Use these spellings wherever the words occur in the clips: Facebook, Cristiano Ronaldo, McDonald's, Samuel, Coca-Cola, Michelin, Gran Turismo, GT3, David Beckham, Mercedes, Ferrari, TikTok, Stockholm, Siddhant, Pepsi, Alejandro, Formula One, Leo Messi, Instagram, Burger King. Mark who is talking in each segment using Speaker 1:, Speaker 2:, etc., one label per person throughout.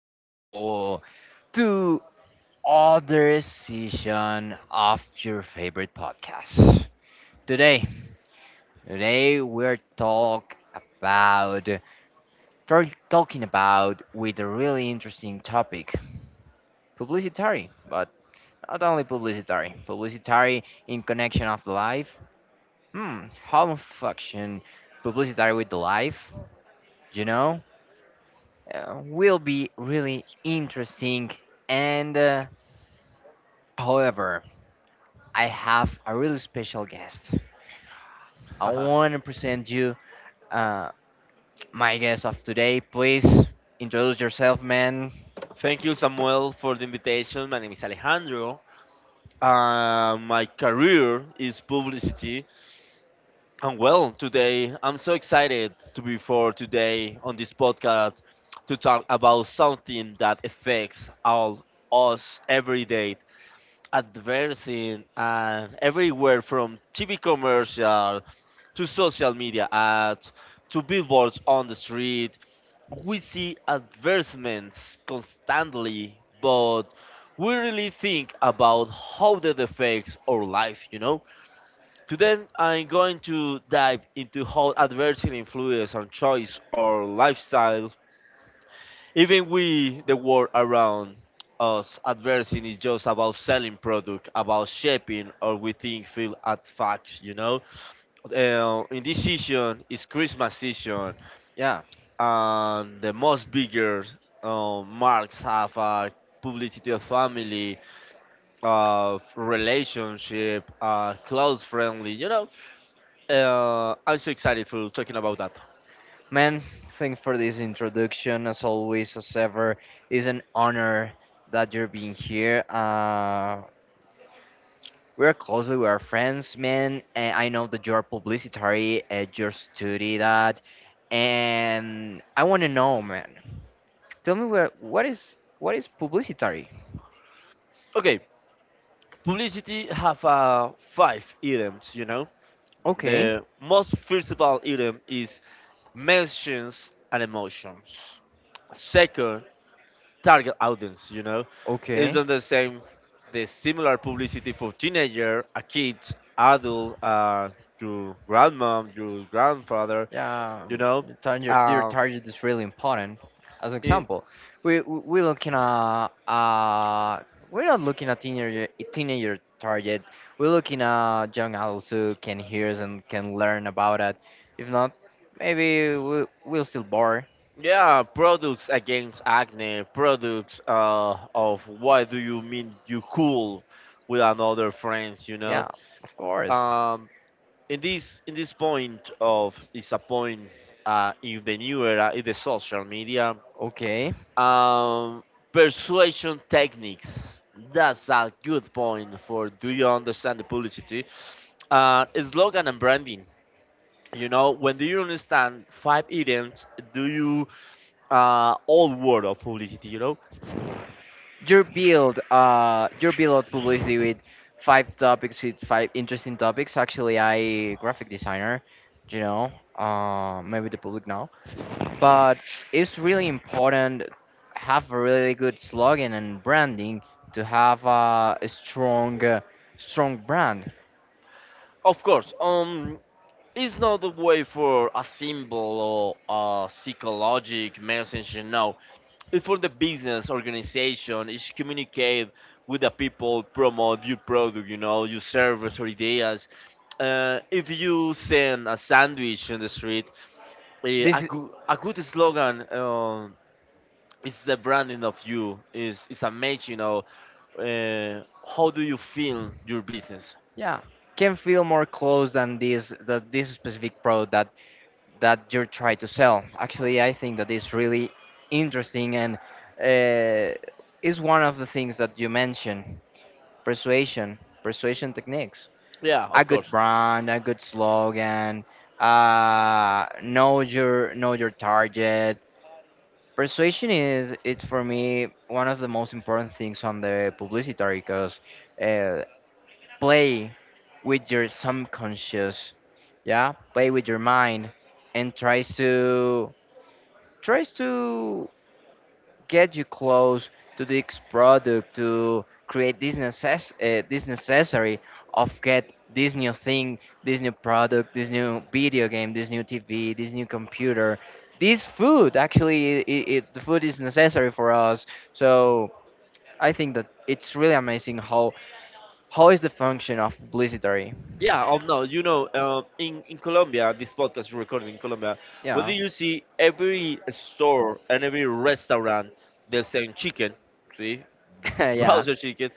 Speaker 1: people, to other session of your favorite podcast. Today, today about we're talking about with a really interesting topic, publicitary, but not only publicitary, publicitary in connection of the life. How function publicitary with the life? You know, will be really interesting. And however, I have a really special guest. I want to present you uh, my guest of today. Please introduce yourself, man.
Speaker 2: Thank you, Samuel, for the invitation. My name is Alejandro. My career is publicity. And well, today I'm so excited to be for today on this podcast to talk about something that affects all us every day. Adversing and everywhere from TV commercial to social media ads to billboards on the street we see advertisements constantly, but we really think about how that affects our life, you know? Today, I'm going to dive into how adversity influences on choice or lifestyle. Even we, the world around us, adversity is just about selling product, about shaping or we think feel at facts, you know? In this season, it's Christmas season
Speaker 1: Yeah,
Speaker 2: and the most bigger marks have publicity of family, of relationship, close friendly, you know. I'm so excited for talking about that.
Speaker 1: man. Thanks for this introduction. As always, as ever, it's an honor that you're being here. We're closely, we are friends, man. And I know that you're publicitary, you study that. And I want to know, man, tell me where what is publicitary?
Speaker 2: Okay, publicity have five items, you know.
Speaker 1: Okay,
Speaker 2: The most visible item is mentions and emotions. Second target audience, you know, it's
Speaker 1: okay.
Speaker 2: not the same the similar publicity for teenager a kid adult, your grandmom your grandfather,
Speaker 1: Yeah,
Speaker 2: you know,
Speaker 1: their
Speaker 2: um,
Speaker 1: target is really important. As
Speaker 2: i-
Speaker 1: example, we we we looking at uh we're not looking at teenager target. We're looking at young adults who can hear and can learn about it. If not, maybe we'll still bore.
Speaker 2: yeah products against acne products of why do you mean you cool with another friends, you know.
Speaker 1: Yeah, of course.
Speaker 2: um, in this point of is a point, in the new era in the social media.
Speaker 1: Okay.
Speaker 2: Um, Persuasion techniques. That's a good point for do you understand the publicity? Uh, Slogan and branding. You know, when do you understand five idioms, do you all word of publicity, you know?
Speaker 1: Your build publicity with five interesting topics. Actually, I graphic designer. You know uh maybe the public now, but it's really important have a really good slogan and branding to have a strong, strong brand.
Speaker 2: Of course. It's not a way for a symbol or a psychologic message, no. It's for the business organization. It's communicate with the people, promote your product, you know, your service or ideas. If you send a sandwich in the street,
Speaker 1: this is,
Speaker 2: good, a good slogan, is the branding of you. Is a match, you know. Uh, how do you feel your business?
Speaker 1: yeah can feel more close than this specific product that you're trying to sell. Actually, I think that is really interesting, and uh, is one of the things that you mentioned, persuasion techniques.
Speaker 2: Yeah,
Speaker 1: A
Speaker 2: of
Speaker 1: good
Speaker 2: course.
Speaker 1: brand, a good slogan, know your target. Persuasion is it's for me one of the most important things on the publicitary, because uh, play with your subconscious, yeah, play with your mind, and tries to get you close to this product, to create this this necessary of get this new thing, this new product, this new video game, this new TV, this new computer, this food. Actually, the food is necessary for us. So I think that it's really amazing how is the function of publicity.
Speaker 2: Yeah, oh no, you know, in Colombia, this podcast is recorded in Colombia. Whether
Speaker 1: Yeah.
Speaker 2: you see every store and every restaurant, they're selling chicken. See,
Speaker 1: Yeah,
Speaker 2: browser chicken.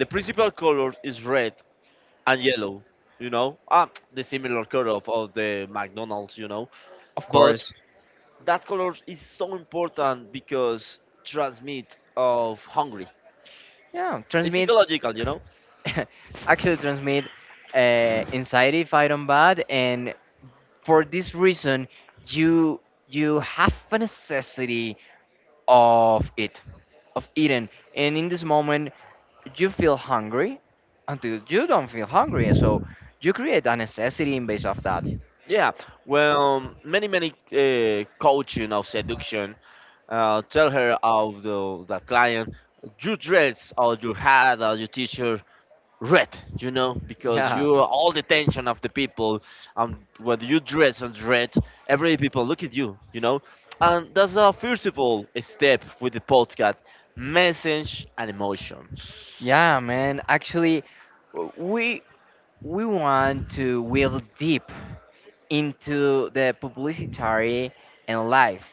Speaker 2: The principal color is red and yellow. You know, ah, the similar color of the McDonald's. You know,
Speaker 1: of
Speaker 2: but
Speaker 1: course.
Speaker 2: that color is so important because transmit of hungry.
Speaker 1: Yeah,
Speaker 2: It's
Speaker 1: transmit.
Speaker 2: ecological, you know.
Speaker 1: Actually, transmit anxiety if I don't bad, and for this reason, you you have a necessity of it, of eating, and in this moment, you feel hungry until you don't feel hungry, so you create a necessity in base of that.
Speaker 2: Yeah. Well, many coaching of seduction tell her of the client you dress or you had or your teacher red, you know, because
Speaker 1: Yeah.
Speaker 2: you are all the attention of the people, and when you dress in red every people look at you, you know, and that's a first of all step with the podcast message and emotions.
Speaker 1: Yeah, man. Actually, w- we we want to will deep into the publicitary and life.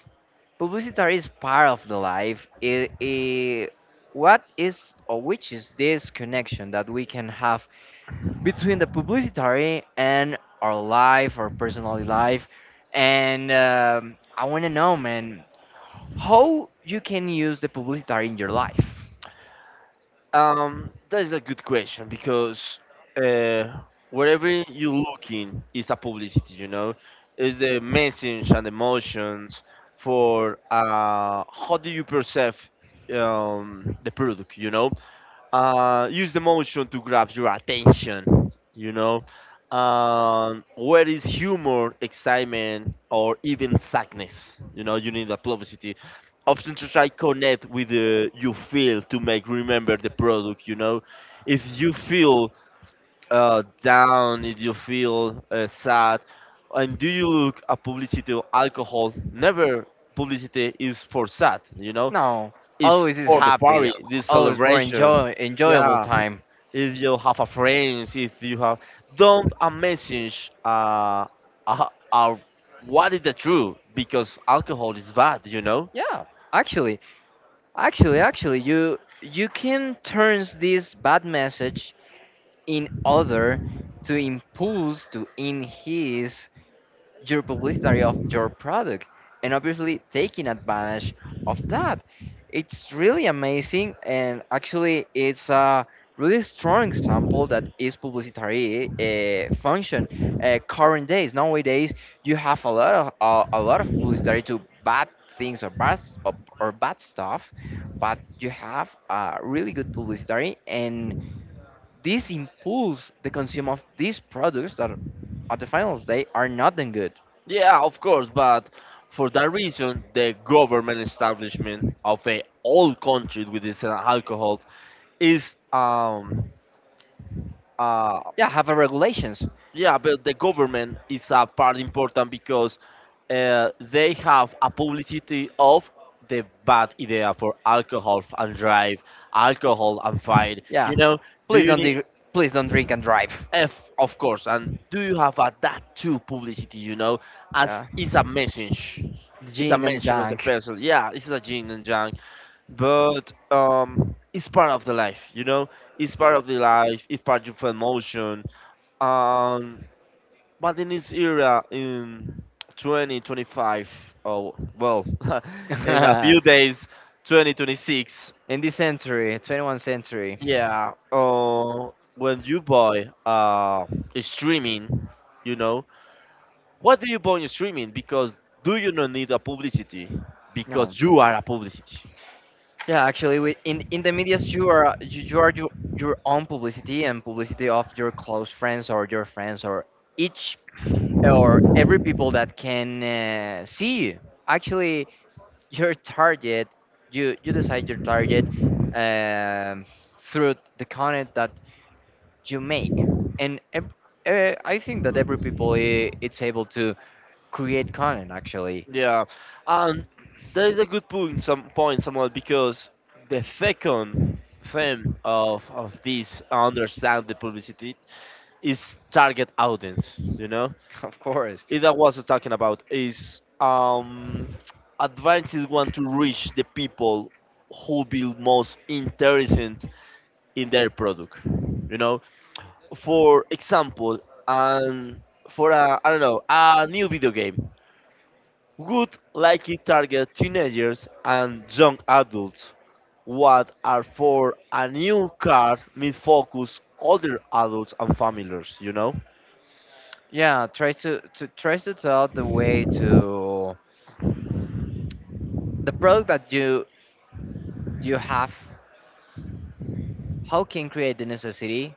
Speaker 1: Publicitary is part of the life. What is or which is this connection that we can have between the publicitary and our life, our personal life? And I want to know, man, how you can use the publicitary in your life?
Speaker 2: That is a good question because, uh, wherever you're looking is a publicity, you know, is the message and emotions for, how do you perceive, the product, you know, use the motion to grab your attention, you know. Where is humor, excitement, or even sadness? You know, you need a publicity. Often to try connect with the you feel to make remember the product. You know, if you feel down, if you feel sad, and do you look at publicity of alcohol? Never. Publicity is for sad. You know,
Speaker 1: No,
Speaker 2: it's
Speaker 1: always is
Speaker 2: for the
Speaker 1: happy,
Speaker 2: party, the
Speaker 1: always for
Speaker 2: celebration.
Speaker 1: enjoy enjoyable
Speaker 2: Yeah,
Speaker 1: time.
Speaker 2: if you have a friends, if you have, don't a message uh, uh, what is the truth because alcohol is bad, you know.
Speaker 1: Yeah, actually. Actually, you can turn this bad message in other, to impulse to in his your publicity of your product, and obviously taking advantage of that. It's really amazing, and actually it's a really strong example that is publicity function. Current days nowadays you have a lot of a lot of publicity to bad things or or bad stuff, but you have a really good publicity, and this impulse the consumer of these products that at the final day are not that good.
Speaker 2: Yeah, of course, but for that reason, the government establishment of a all country with this alcohol is uh
Speaker 1: Yeah, have a regulations.
Speaker 2: Yeah, but the government is a part important because, they have a publicity of the bad idea for alcohol and drive, alcohol and fight.
Speaker 1: Yeah,
Speaker 2: You know, do
Speaker 1: please
Speaker 2: you
Speaker 1: don't
Speaker 2: need
Speaker 1: di- please don't drink and drive.
Speaker 2: F, of course, and do you have a that too publicity? You know, as
Speaker 1: Yeah,
Speaker 2: is a message,
Speaker 1: the
Speaker 2: it's a
Speaker 1: jing and the
Speaker 2: mention of the
Speaker 1: junk.
Speaker 2: person. Yeah, it's a yin and yang, but it's part of the life. You know, it's part of the life. It's part of emotion. Um, but in this era, in 2025, oh well, in a
Speaker 1: In
Speaker 2: few days, 2026,
Speaker 1: this century, 21st century.
Speaker 2: yeah. When you buy streaming, you know, what do you buy in streaming? Because do you not need a publicity?
Speaker 1: No.
Speaker 2: Because you are a publicity.
Speaker 1: Yeah, actually, we, in the medias you are your own publicity, and publicity of your close friends or your friends or each or every people that can see you. Actually, your target, you decide your target, um, through the content that you make. And I think that every people it's able to create content, actually.
Speaker 2: Yeah, and there is a good point, some point, somewhat because the second fame of this understand the publicity its target audience, you know,
Speaker 1: Of course.
Speaker 2: it I was talking about is advances want to reach the people who be most interested in their product, you know, for example, and for a, I don't know, a new video game would likely target teenagers and young adults, what are for a new car may focus older adults and families, you know.
Speaker 1: Yeah, tries to tell the way to the product that you have. How can create the necessity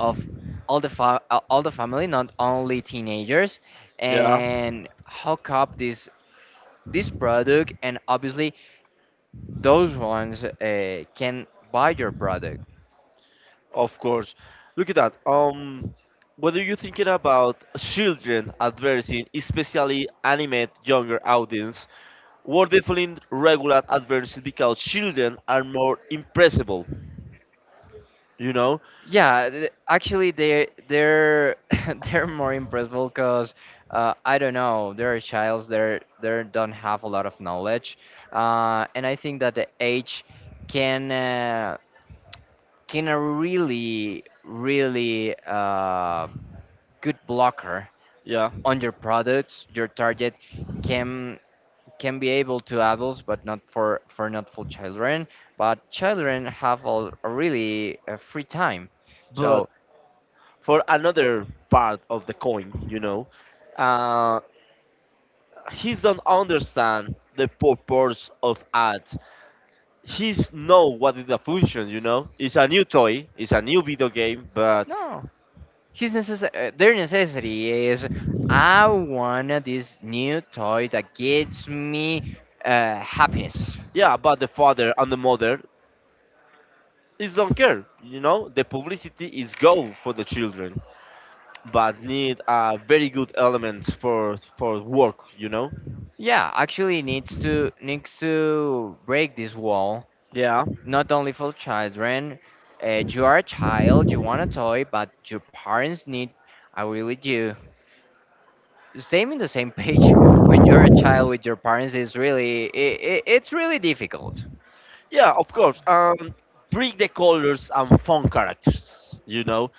Speaker 1: of all the family, not only teenagers,
Speaker 2: Yeah,
Speaker 1: and hook up this product? And obviously those ones can buy your product.
Speaker 2: of course. Look at that. Whether you're thinking about children advertising, especially animate younger audience, we're definitely regular advertising because children are more impressible. You know?
Speaker 1: Yeah, actually, they're they're more impressive because I don't know, they're a child, they don't have a lot of knowledge. And I think that the age can uh, can a really really good blocker
Speaker 2: Yeah.
Speaker 1: on your products. Your target can can be able to adults, but not for children. But children have a really free time,
Speaker 2: But
Speaker 1: so
Speaker 2: for another part of the coin, you know, uh, he don't understand the purpose of ad. He's know what is the function, you know, it's a new toy it's a new video game, but
Speaker 1: no. Their necessity is, I want this new toy that gives me happiness.
Speaker 2: yeah but the father and the mother is don't care, you know, the publicity is go for the children but need a very good element for work, you know.
Speaker 1: Yeah, actually needs to break this wall.
Speaker 2: Yeah,
Speaker 1: Not only for children, you are a child, you want a toy, but your parents need. I really do. Same in the same page. When you're a child with your parents is really it's really difficult.
Speaker 2: yeah, of course. Bring the colors and fun characters, you know.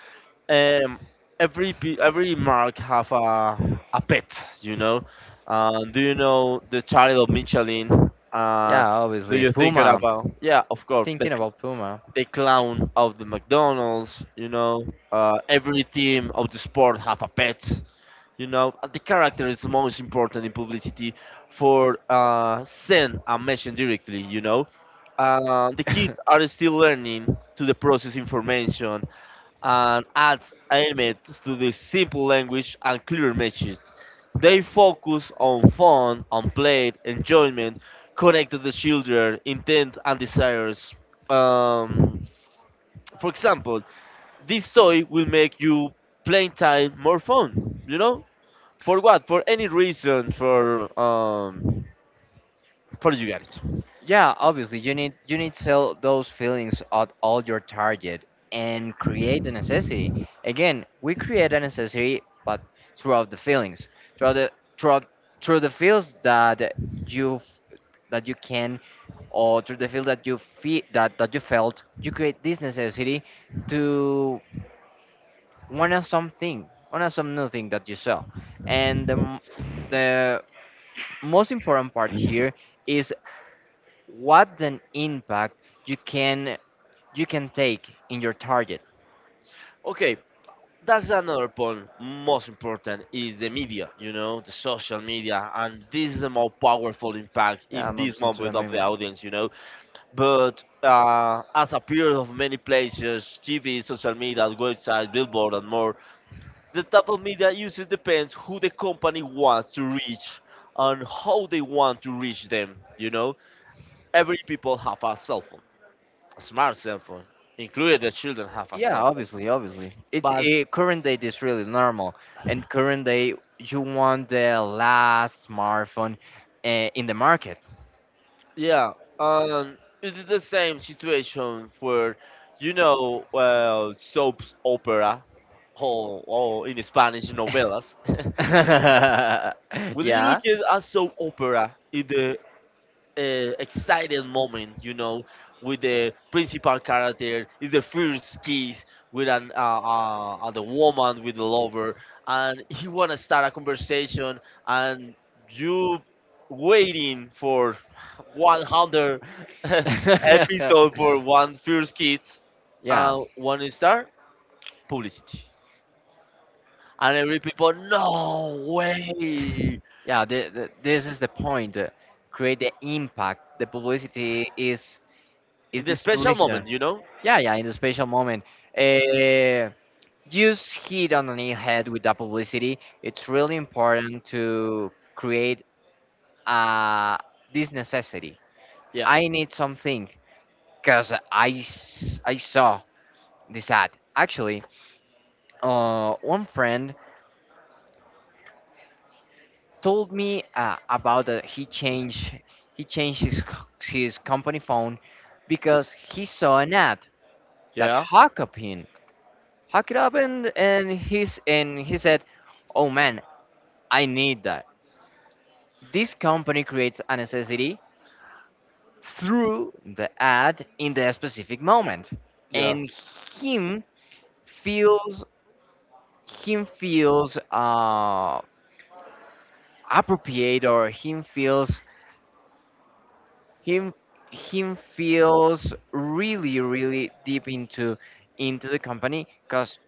Speaker 2: um, every mark have a pet, you know. Do you know the Charlie of Michelin?
Speaker 1: Yeah,
Speaker 2: Do
Speaker 1: obviously
Speaker 2: you think
Speaker 1: Puma.
Speaker 2: about? Yeah, of course.
Speaker 1: Thinking about Puma.
Speaker 2: The clown of the McDonald's, you know. Every team of the sport have a pet, you know. The character is most important in publicity for, send a message directly, you know. The kids are still learning to the process information and adds element to the simple language and clear message. They focus on fun, on play, enjoyment, connect to the children, intent and desires. Um, for example, this toy will make you playing time more fun. You know, for what? For any reason. For, for you get it.
Speaker 1: Yeah, obviously you need to sell those feelings at all your target and create a necessity. Again, we create a necessity but throughout the feelings. Throughout the throughout through the feels that you f- that you can, or through the feel that you feel that you felt, you create this necessity to want something, want some new thing that you sell. And the most important part here is what an impact you can you can take in your target.
Speaker 2: Okay, that's another point most important is the media, you know, the social media and this is the more powerful impact
Speaker 1: Yeah,
Speaker 2: in
Speaker 1: I'm
Speaker 2: this
Speaker 1: obsessed with
Speaker 2: moment
Speaker 1: the
Speaker 2: of the
Speaker 1: meme.
Speaker 2: audience, you know, but as appeared of many places tv social media websites billboard and more, the type of media uses depends who the company wants to reach and how they want to reach them, you know. Every people have a cell phone, a smart cell phone, including the children have a
Speaker 1: Yeah,
Speaker 2: cell phone.
Speaker 1: obviously, obviously. It's
Speaker 2: But
Speaker 1: current date is really normal, and current day you want the last smartphone in the market.
Speaker 2: yeah, it's the same situation for, you know, well, soaps opera, or in Spanish, novelas. When you
Speaker 1: Yeah.
Speaker 2: look at a soap opera in the, uh, exciting moment, you know, with the principal character, is the first kiss with an the woman with the lover, and he wanna start a conversation, and you waiting for 100 episode for one first kiss,
Speaker 1: Yeah.
Speaker 2: one star publicity, and every people no way
Speaker 1: Yeah, this is the point. Create the impact. The publicity is
Speaker 2: in the
Speaker 1: this
Speaker 2: special
Speaker 1: reason.
Speaker 2: moment, you know,
Speaker 1: Yeah, yeah, in the special moment. Uh, just hit on the nail head with that publicity. It's really important to create uh, this necessity.
Speaker 2: yeah,
Speaker 1: I need something because I saw this ad. Actually, one friend told me about that he changed, his company phone because he saw an ad that
Speaker 2: yeah,
Speaker 1: hook it up. And he said, oh man, I need that. This company creates a necessity through the ad in the specific moment.
Speaker 2: yeah.
Speaker 1: And him feels him feels appropriate, or him him feels really really deep into the company, because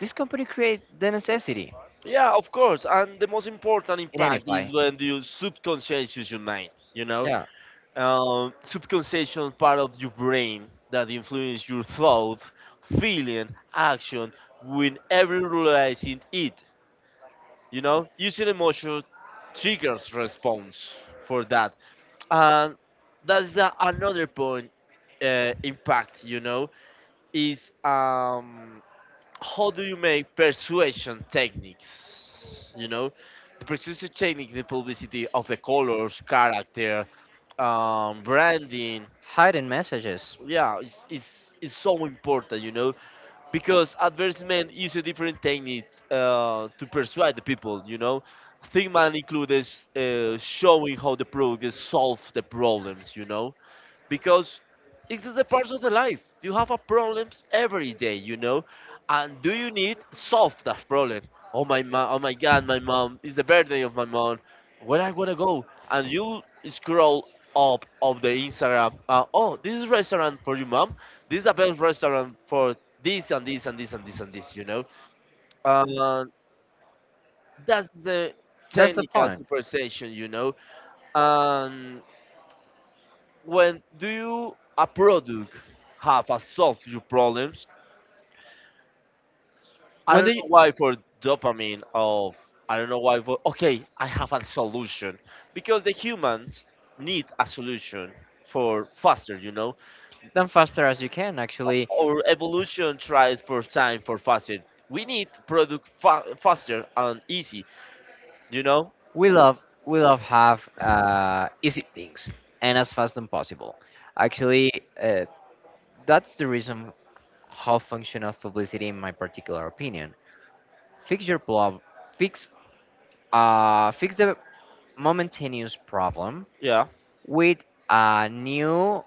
Speaker 1: this company create the necessity.
Speaker 2: Yeah, of course. And the most important impact
Speaker 1: Identify.
Speaker 2: is when you subconscious use your mind, you know?
Speaker 1: Yeah.
Speaker 2: Subconscious part of your brain that influence your thought, feeling, action when every realizing it, you know? Using emotion triggers response for that. And that's another point, impact, you know, is how do you make persuasion techniques? You know, the persuasion technique, the publicity of the colors, character, branding.
Speaker 1: Hiding messages.
Speaker 2: Yeah, it's so important, you know, because advertisement uses different techniques to persuade the people, you know. Thingman includes showing how the product solves the problems, you know, because it is the part of the life. You have a problems every day, you know, and do you need solve that problem? Oh my God, my mom it's the birthday of my mom. Where I wanna go? And you scroll up of the Instagram. Oh, this is restaurant for you, mom. This is the best restaurant for this and this and this and this and this. You know, um, that's the
Speaker 1: That's the
Speaker 2: technical
Speaker 1: point.
Speaker 2: superstition, you know, and when do you a product have a solve your problems, I
Speaker 1: When
Speaker 2: don't
Speaker 1: do you,
Speaker 2: know why for dopamine of, I don't know why for okay I have a solution because the humans need a solution for faster, you know,
Speaker 1: then faster as you can, actually.
Speaker 2: our evolution tries for time for faster, we need product faster and easy, you know.
Speaker 1: We love we love have easy things, and as fast as possible. Actually, uh, that's the reason how function of publicity, in my particular opinion. Fix your problem. Fix fix the momentous problem
Speaker 2: Yeah.
Speaker 1: with a new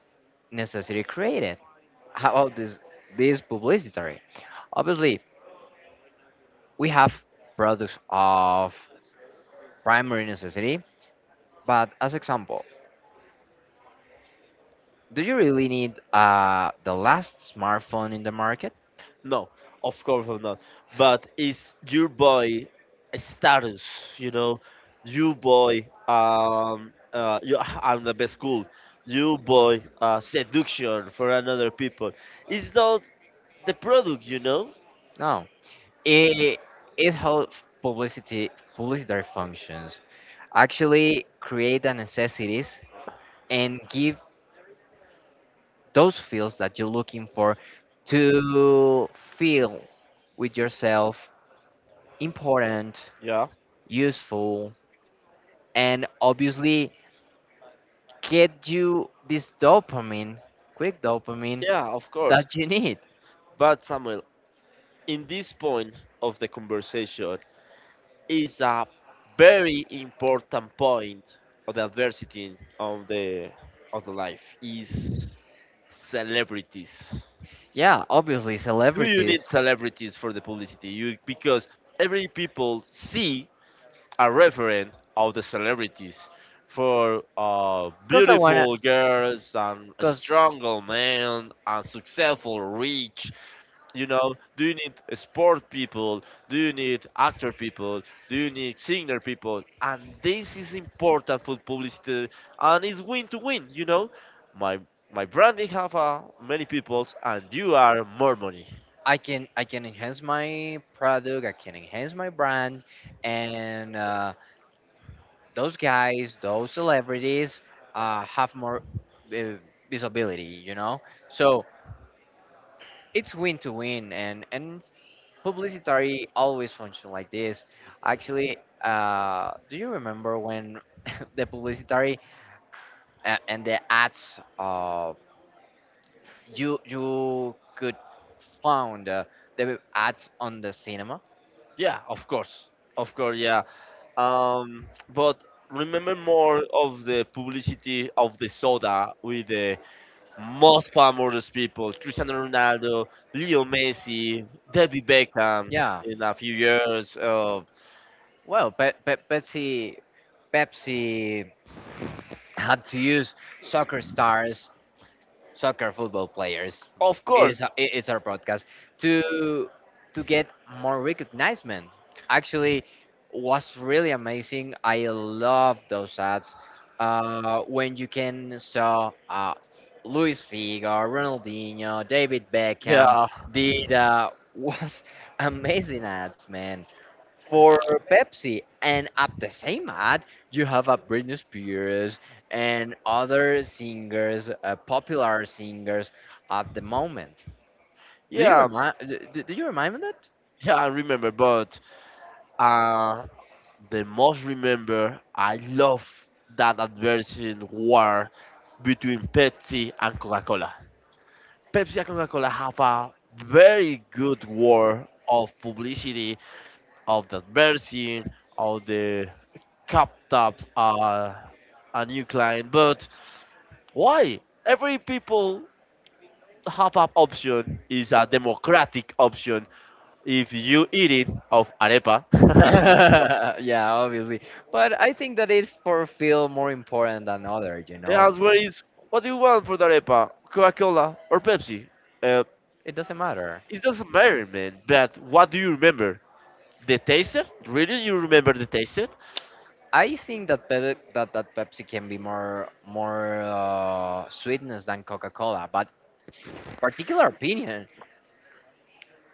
Speaker 1: necessity created. How about this publicity? Obviously, we have products of primary necessity. But as example, do you really need the last smartphone in the market?
Speaker 2: No, of course I'm not. But it's your boy a status, you know, you boy. You, I'm the best cool. You boy, seduction for another people. It's not the product, you know.
Speaker 1: No. It it how publicity publicitary functions actually create the necessities and give those feels that you're looking for, to feel with yourself important,
Speaker 2: Yeah.
Speaker 1: useful, and obviously get you this dopamine, quick dopamine
Speaker 2: Yeah, of course.
Speaker 1: that you need.
Speaker 2: But Samuel, in this point of the conversation, is a very important point of the adversity of the life is celebrities.
Speaker 1: Yeah, obviously
Speaker 2: Do you
Speaker 1: celebrities.
Speaker 2: need celebrities for the publicity? You because every people see a referent of the celebrities for
Speaker 1: Cause I wanna,
Speaker 2: beautiful girls and a
Speaker 1: cause
Speaker 2: strong man and successful rich, you know. Do you need sport people, do you need actor people, do you need singer people, and this is important for publicity, and it's win to win, you know. My my branding have many peoples and you are more money.
Speaker 1: I can I can enhance my product, I can enhance my brand, and those guys, those celebrities, have more uh, visibility. So it's win to win, and publicity always function like this. Actually, do you remember when the publicity and the ads, you could found the ads on the cinema?
Speaker 2: Yeah, of course, yeah. Um, but remember more of the publicity of the soda with the most famous people: Cristiano Ronaldo, Leo Messi, David Beckham.
Speaker 1: Yeah.
Speaker 2: In a few years,
Speaker 1: Well, Pepsi had to use soccer stars, soccer football players
Speaker 2: of course,
Speaker 1: is our podcast to to get more recognition? Actually, was really amazing. I love those ads when you can saw Luis Figo, Ronaldinho, David Beckham.
Speaker 2: yeah,
Speaker 1: Did Was amazing ads, man. For Pepsi, and at the same ad, you have a Britney Spears and other popular singers at the moment. Do you
Speaker 2: yeah,
Speaker 1: remind? Do you remind me that?
Speaker 2: yeah. I remember, but uh, the most remember, I love that adverse war between Pepsi and Coca-Cola. Pepsi and Coca-Cola have a very good war of publicity, of the advertising, of the capped up a new client. But why? Every people have an option, is a democratic option. If you eat it of arepa, the
Speaker 1: Yeah, obviously. But I think that it for feel more important than other.
Speaker 2: answer is, what do you want for the arepa? Coca-Cola or Pepsi? Uh,
Speaker 1: It doesn't matter.
Speaker 2: it doesn't matter, man. But what do you remember? The taste? Really, you remember the taste?
Speaker 1: I think that Pepsi can be more sweetness than Coca Cola. But particular opinion,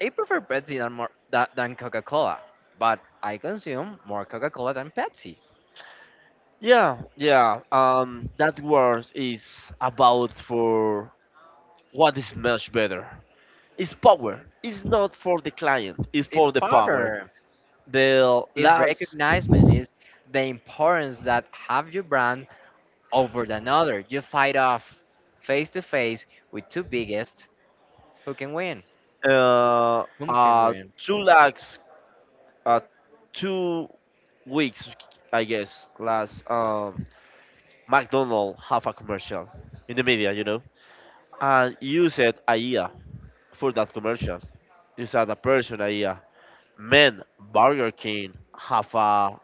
Speaker 1: I prefer Pepsi than Coca Cola. But I consume more Coca Cola than Pepsi.
Speaker 2: Yeah, yeah. That word is about for what is much better. It's power. It's not for the client. It's
Speaker 1: It's
Speaker 2: for the power.
Speaker 1: powder.
Speaker 2: The
Speaker 1: It's
Speaker 2: last
Speaker 1: recognizement. It's the importance that have your brand over than other. You fight off face to face with two biggest. Who can win? Whom can win?
Speaker 2: two lakhs uh 2 weeks, I guess. Last, McDonald have a commercial in the media, you know, and you said AIA for that commercial. You said a person AIA. Man, Burger King have a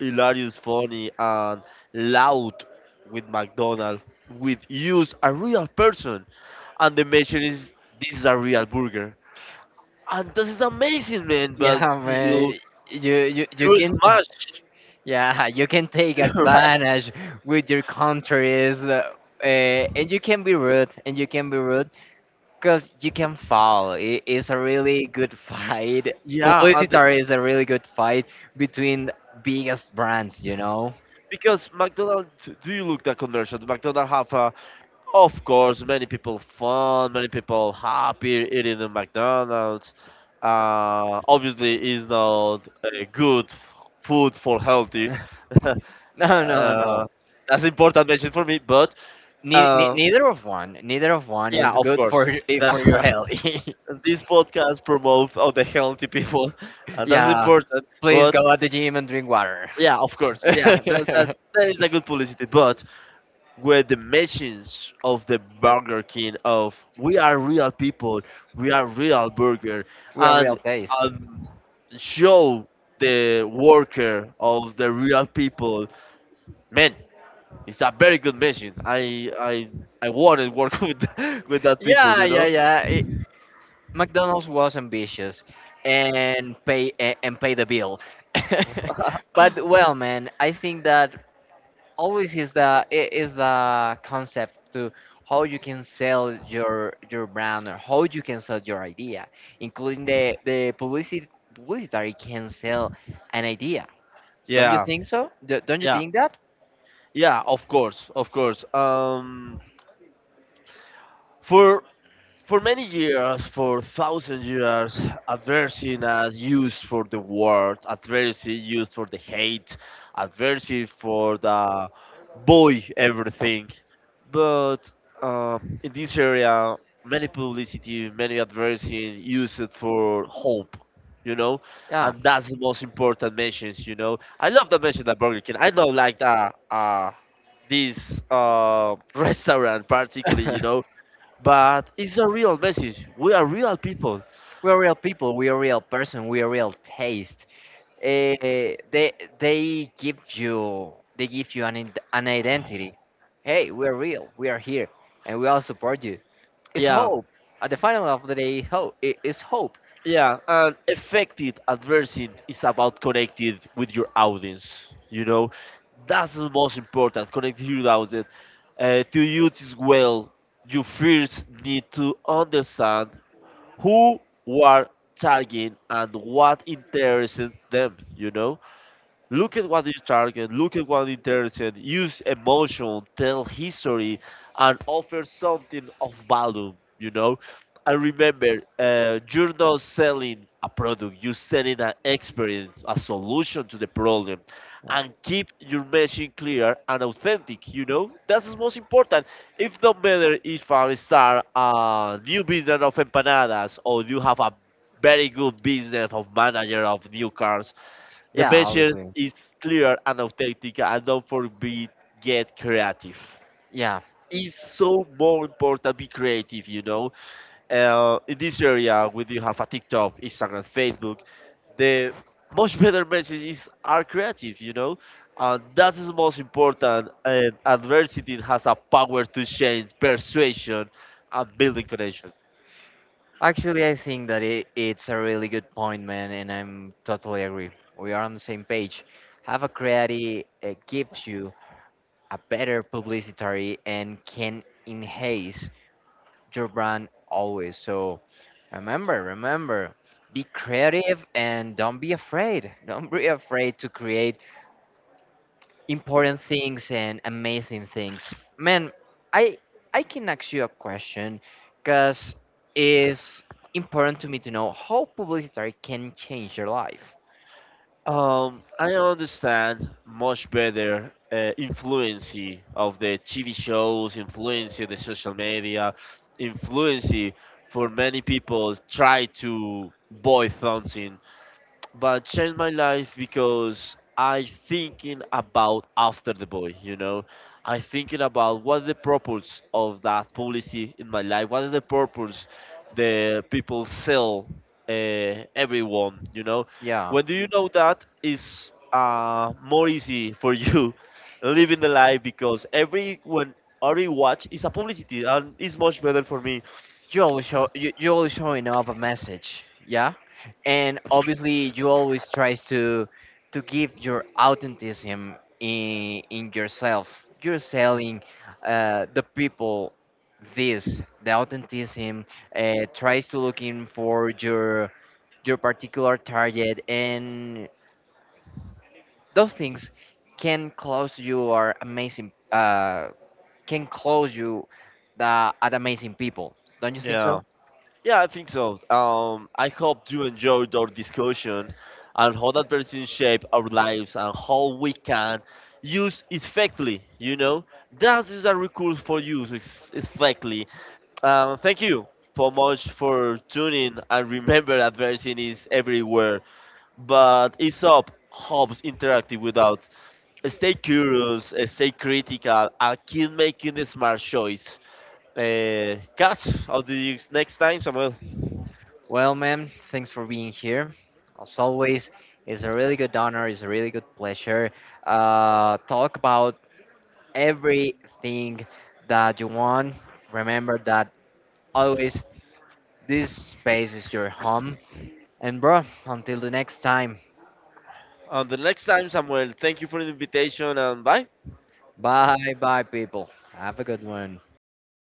Speaker 2: hilarious, funny, and loud with McDonald's, with use a real person, and the measure is this is a real burger, and this is amazing, man. But
Speaker 1: Yeah,
Speaker 2: you
Speaker 1: man. You
Speaker 2: you
Speaker 1: can
Speaker 2: smash,
Speaker 1: yeah, you can take
Speaker 2: right?
Speaker 1: advantage with your countries, and you can be rude because you can fall, it's a really good fight.
Speaker 2: Yeah, and the-
Speaker 1: Publicitary is a really good fight between biggest brands.
Speaker 2: because McDonald's, do you look at commercials? McDonald's have a, of course, many people fun, many people happy eating the McDonald's. Obviously, is not good food for healthy.
Speaker 1: No, no,
Speaker 2: Uh,
Speaker 1: no.
Speaker 2: that's important mention for me, but
Speaker 1: Nei- nei-
Speaker 2: uh,
Speaker 1: neither of one, neither of one
Speaker 2: yeah,
Speaker 1: is
Speaker 2: of
Speaker 1: good
Speaker 2: course.
Speaker 1: for for your
Speaker 2: The-
Speaker 1: health.
Speaker 2: this podcast promotes all the healthy people. That's
Speaker 1: Yeah,
Speaker 2: important,
Speaker 1: please
Speaker 2: but
Speaker 1: go at the gym and drink water.
Speaker 2: yeah, of course, yeah, that, that, that is a good publicity. But with the machines of the Burger King of we are real people, we are real burger,
Speaker 1: We are real
Speaker 2: and
Speaker 1: taste.
Speaker 2: um, show the worker of the real people, man. It's a very good machine. I wanted to work with that people,
Speaker 1: Yeah,
Speaker 2: you
Speaker 1: yeah,
Speaker 2: know.
Speaker 1: yeah. McDonald's was ambitious and pay the bill. But well, man, I think that always is the concept to how you can sell your brand or how you can sell your idea, including the publicity publicitary can sell an idea. Don't you
Speaker 2: Yeah,
Speaker 1: think so? Don't you
Speaker 2: yeah,
Speaker 1: think that?
Speaker 2: yeah. Of course, of course. For For many years, for thousand years, adversity as used for the word, adversity used for the hate, adversity for the boy everything. But in this area, many publicity, many adversity used it for hope, you know,
Speaker 1: Yeah.
Speaker 2: and that's the most important message, you know. I love the message that Burger King. I don't like that. This restaurant particularly, you know, but it's a real message. We are real people.
Speaker 1: We are real people, we are real person, we are real taste. uh, they they give you an identity. Hey, we are real, we are here, and we all support you. Is
Speaker 2: Yeah,
Speaker 1: hope. At the final of the day, hope it is hope.
Speaker 2: yeah. And effective adversity is about connecting with your audience. You know, that's the most important. Connecting with your audience. To use this well, you first need to understand who you are targeting and what interests them. You know. Look at what you target, look at what interested, use emotion, tell history, and offer something of value, you know? And remember, you're not selling a product, you're selling an experience, a solution to the problem.
Speaker 1: Uh,
Speaker 2: And keep your message clear and authentic, you know? That's the most important. If no matter if I start a new business of empanadas or you have a very good business of manager of new cars, the
Speaker 1: Yeah,
Speaker 2: message
Speaker 1: obviously.
Speaker 2: is clear and authentic, and don't forget get creative.
Speaker 1: Yeah.
Speaker 2: It's so more important be creative, you know. In this area, when you have a TikTok, Instagram, Facebook, the much better messages are creative, you know. And that is most important. And adversity has a power to change persuasion and building connection.
Speaker 1: Actually, I think that it's a really good point, man, and I'm totally agree. We are on the same page. Have a creative gives you a better publicity and can enhance your brand always. So remember, remember, be creative and don't be afraid. Don't be afraid to create important things and amazing things. Man, I I can ask you a question because it's important to me to know how publicity can change your life.
Speaker 2: I understand much better influence of the TV shows, influence of the social media, influence for many people try to buy something, but changed my life because I thinking about after the boy, you know. I thinking about what the purpose of that policy in my life, what is the purpose the people sell everyone, you know.
Speaker 1: Yeah.
Speaker 2: When do you know that is more easy for you, living the life, because every when every watch is a publicity and it's much better for me.
Speaker 1: You you always showing off a message. Yeah, and obviously you always tries to give your authenticity in yourself. You're selling the people this the authenticity. Tries to looking for your particular target, and those things can close you the at amazing people. Don't you think so?
Speaker 2: Yeah. Yeah, I think so. I hope you enjoyed our discussion and how that person shape our lives and how we can use effectively. You know, that is a recourse for use effectively. Thank you so much for tuning and remember that version is everywhere. But it's up Hobbs interactive without. Stay curious, stay critical, and keep making the smart choice. Catch, how do you next time, Samuel?
Speaker 1: Well, ma'am, thanks for being here. As always, it's a really good honor, it's a really good pleasure. Talk about everything that you want. Remember that always this space is your home. And, bro, until the next time,
Speaker 2: The next time, Samuel, thank you for the invitation and bye.
Speaker 1: bye bye, people. Have a good one.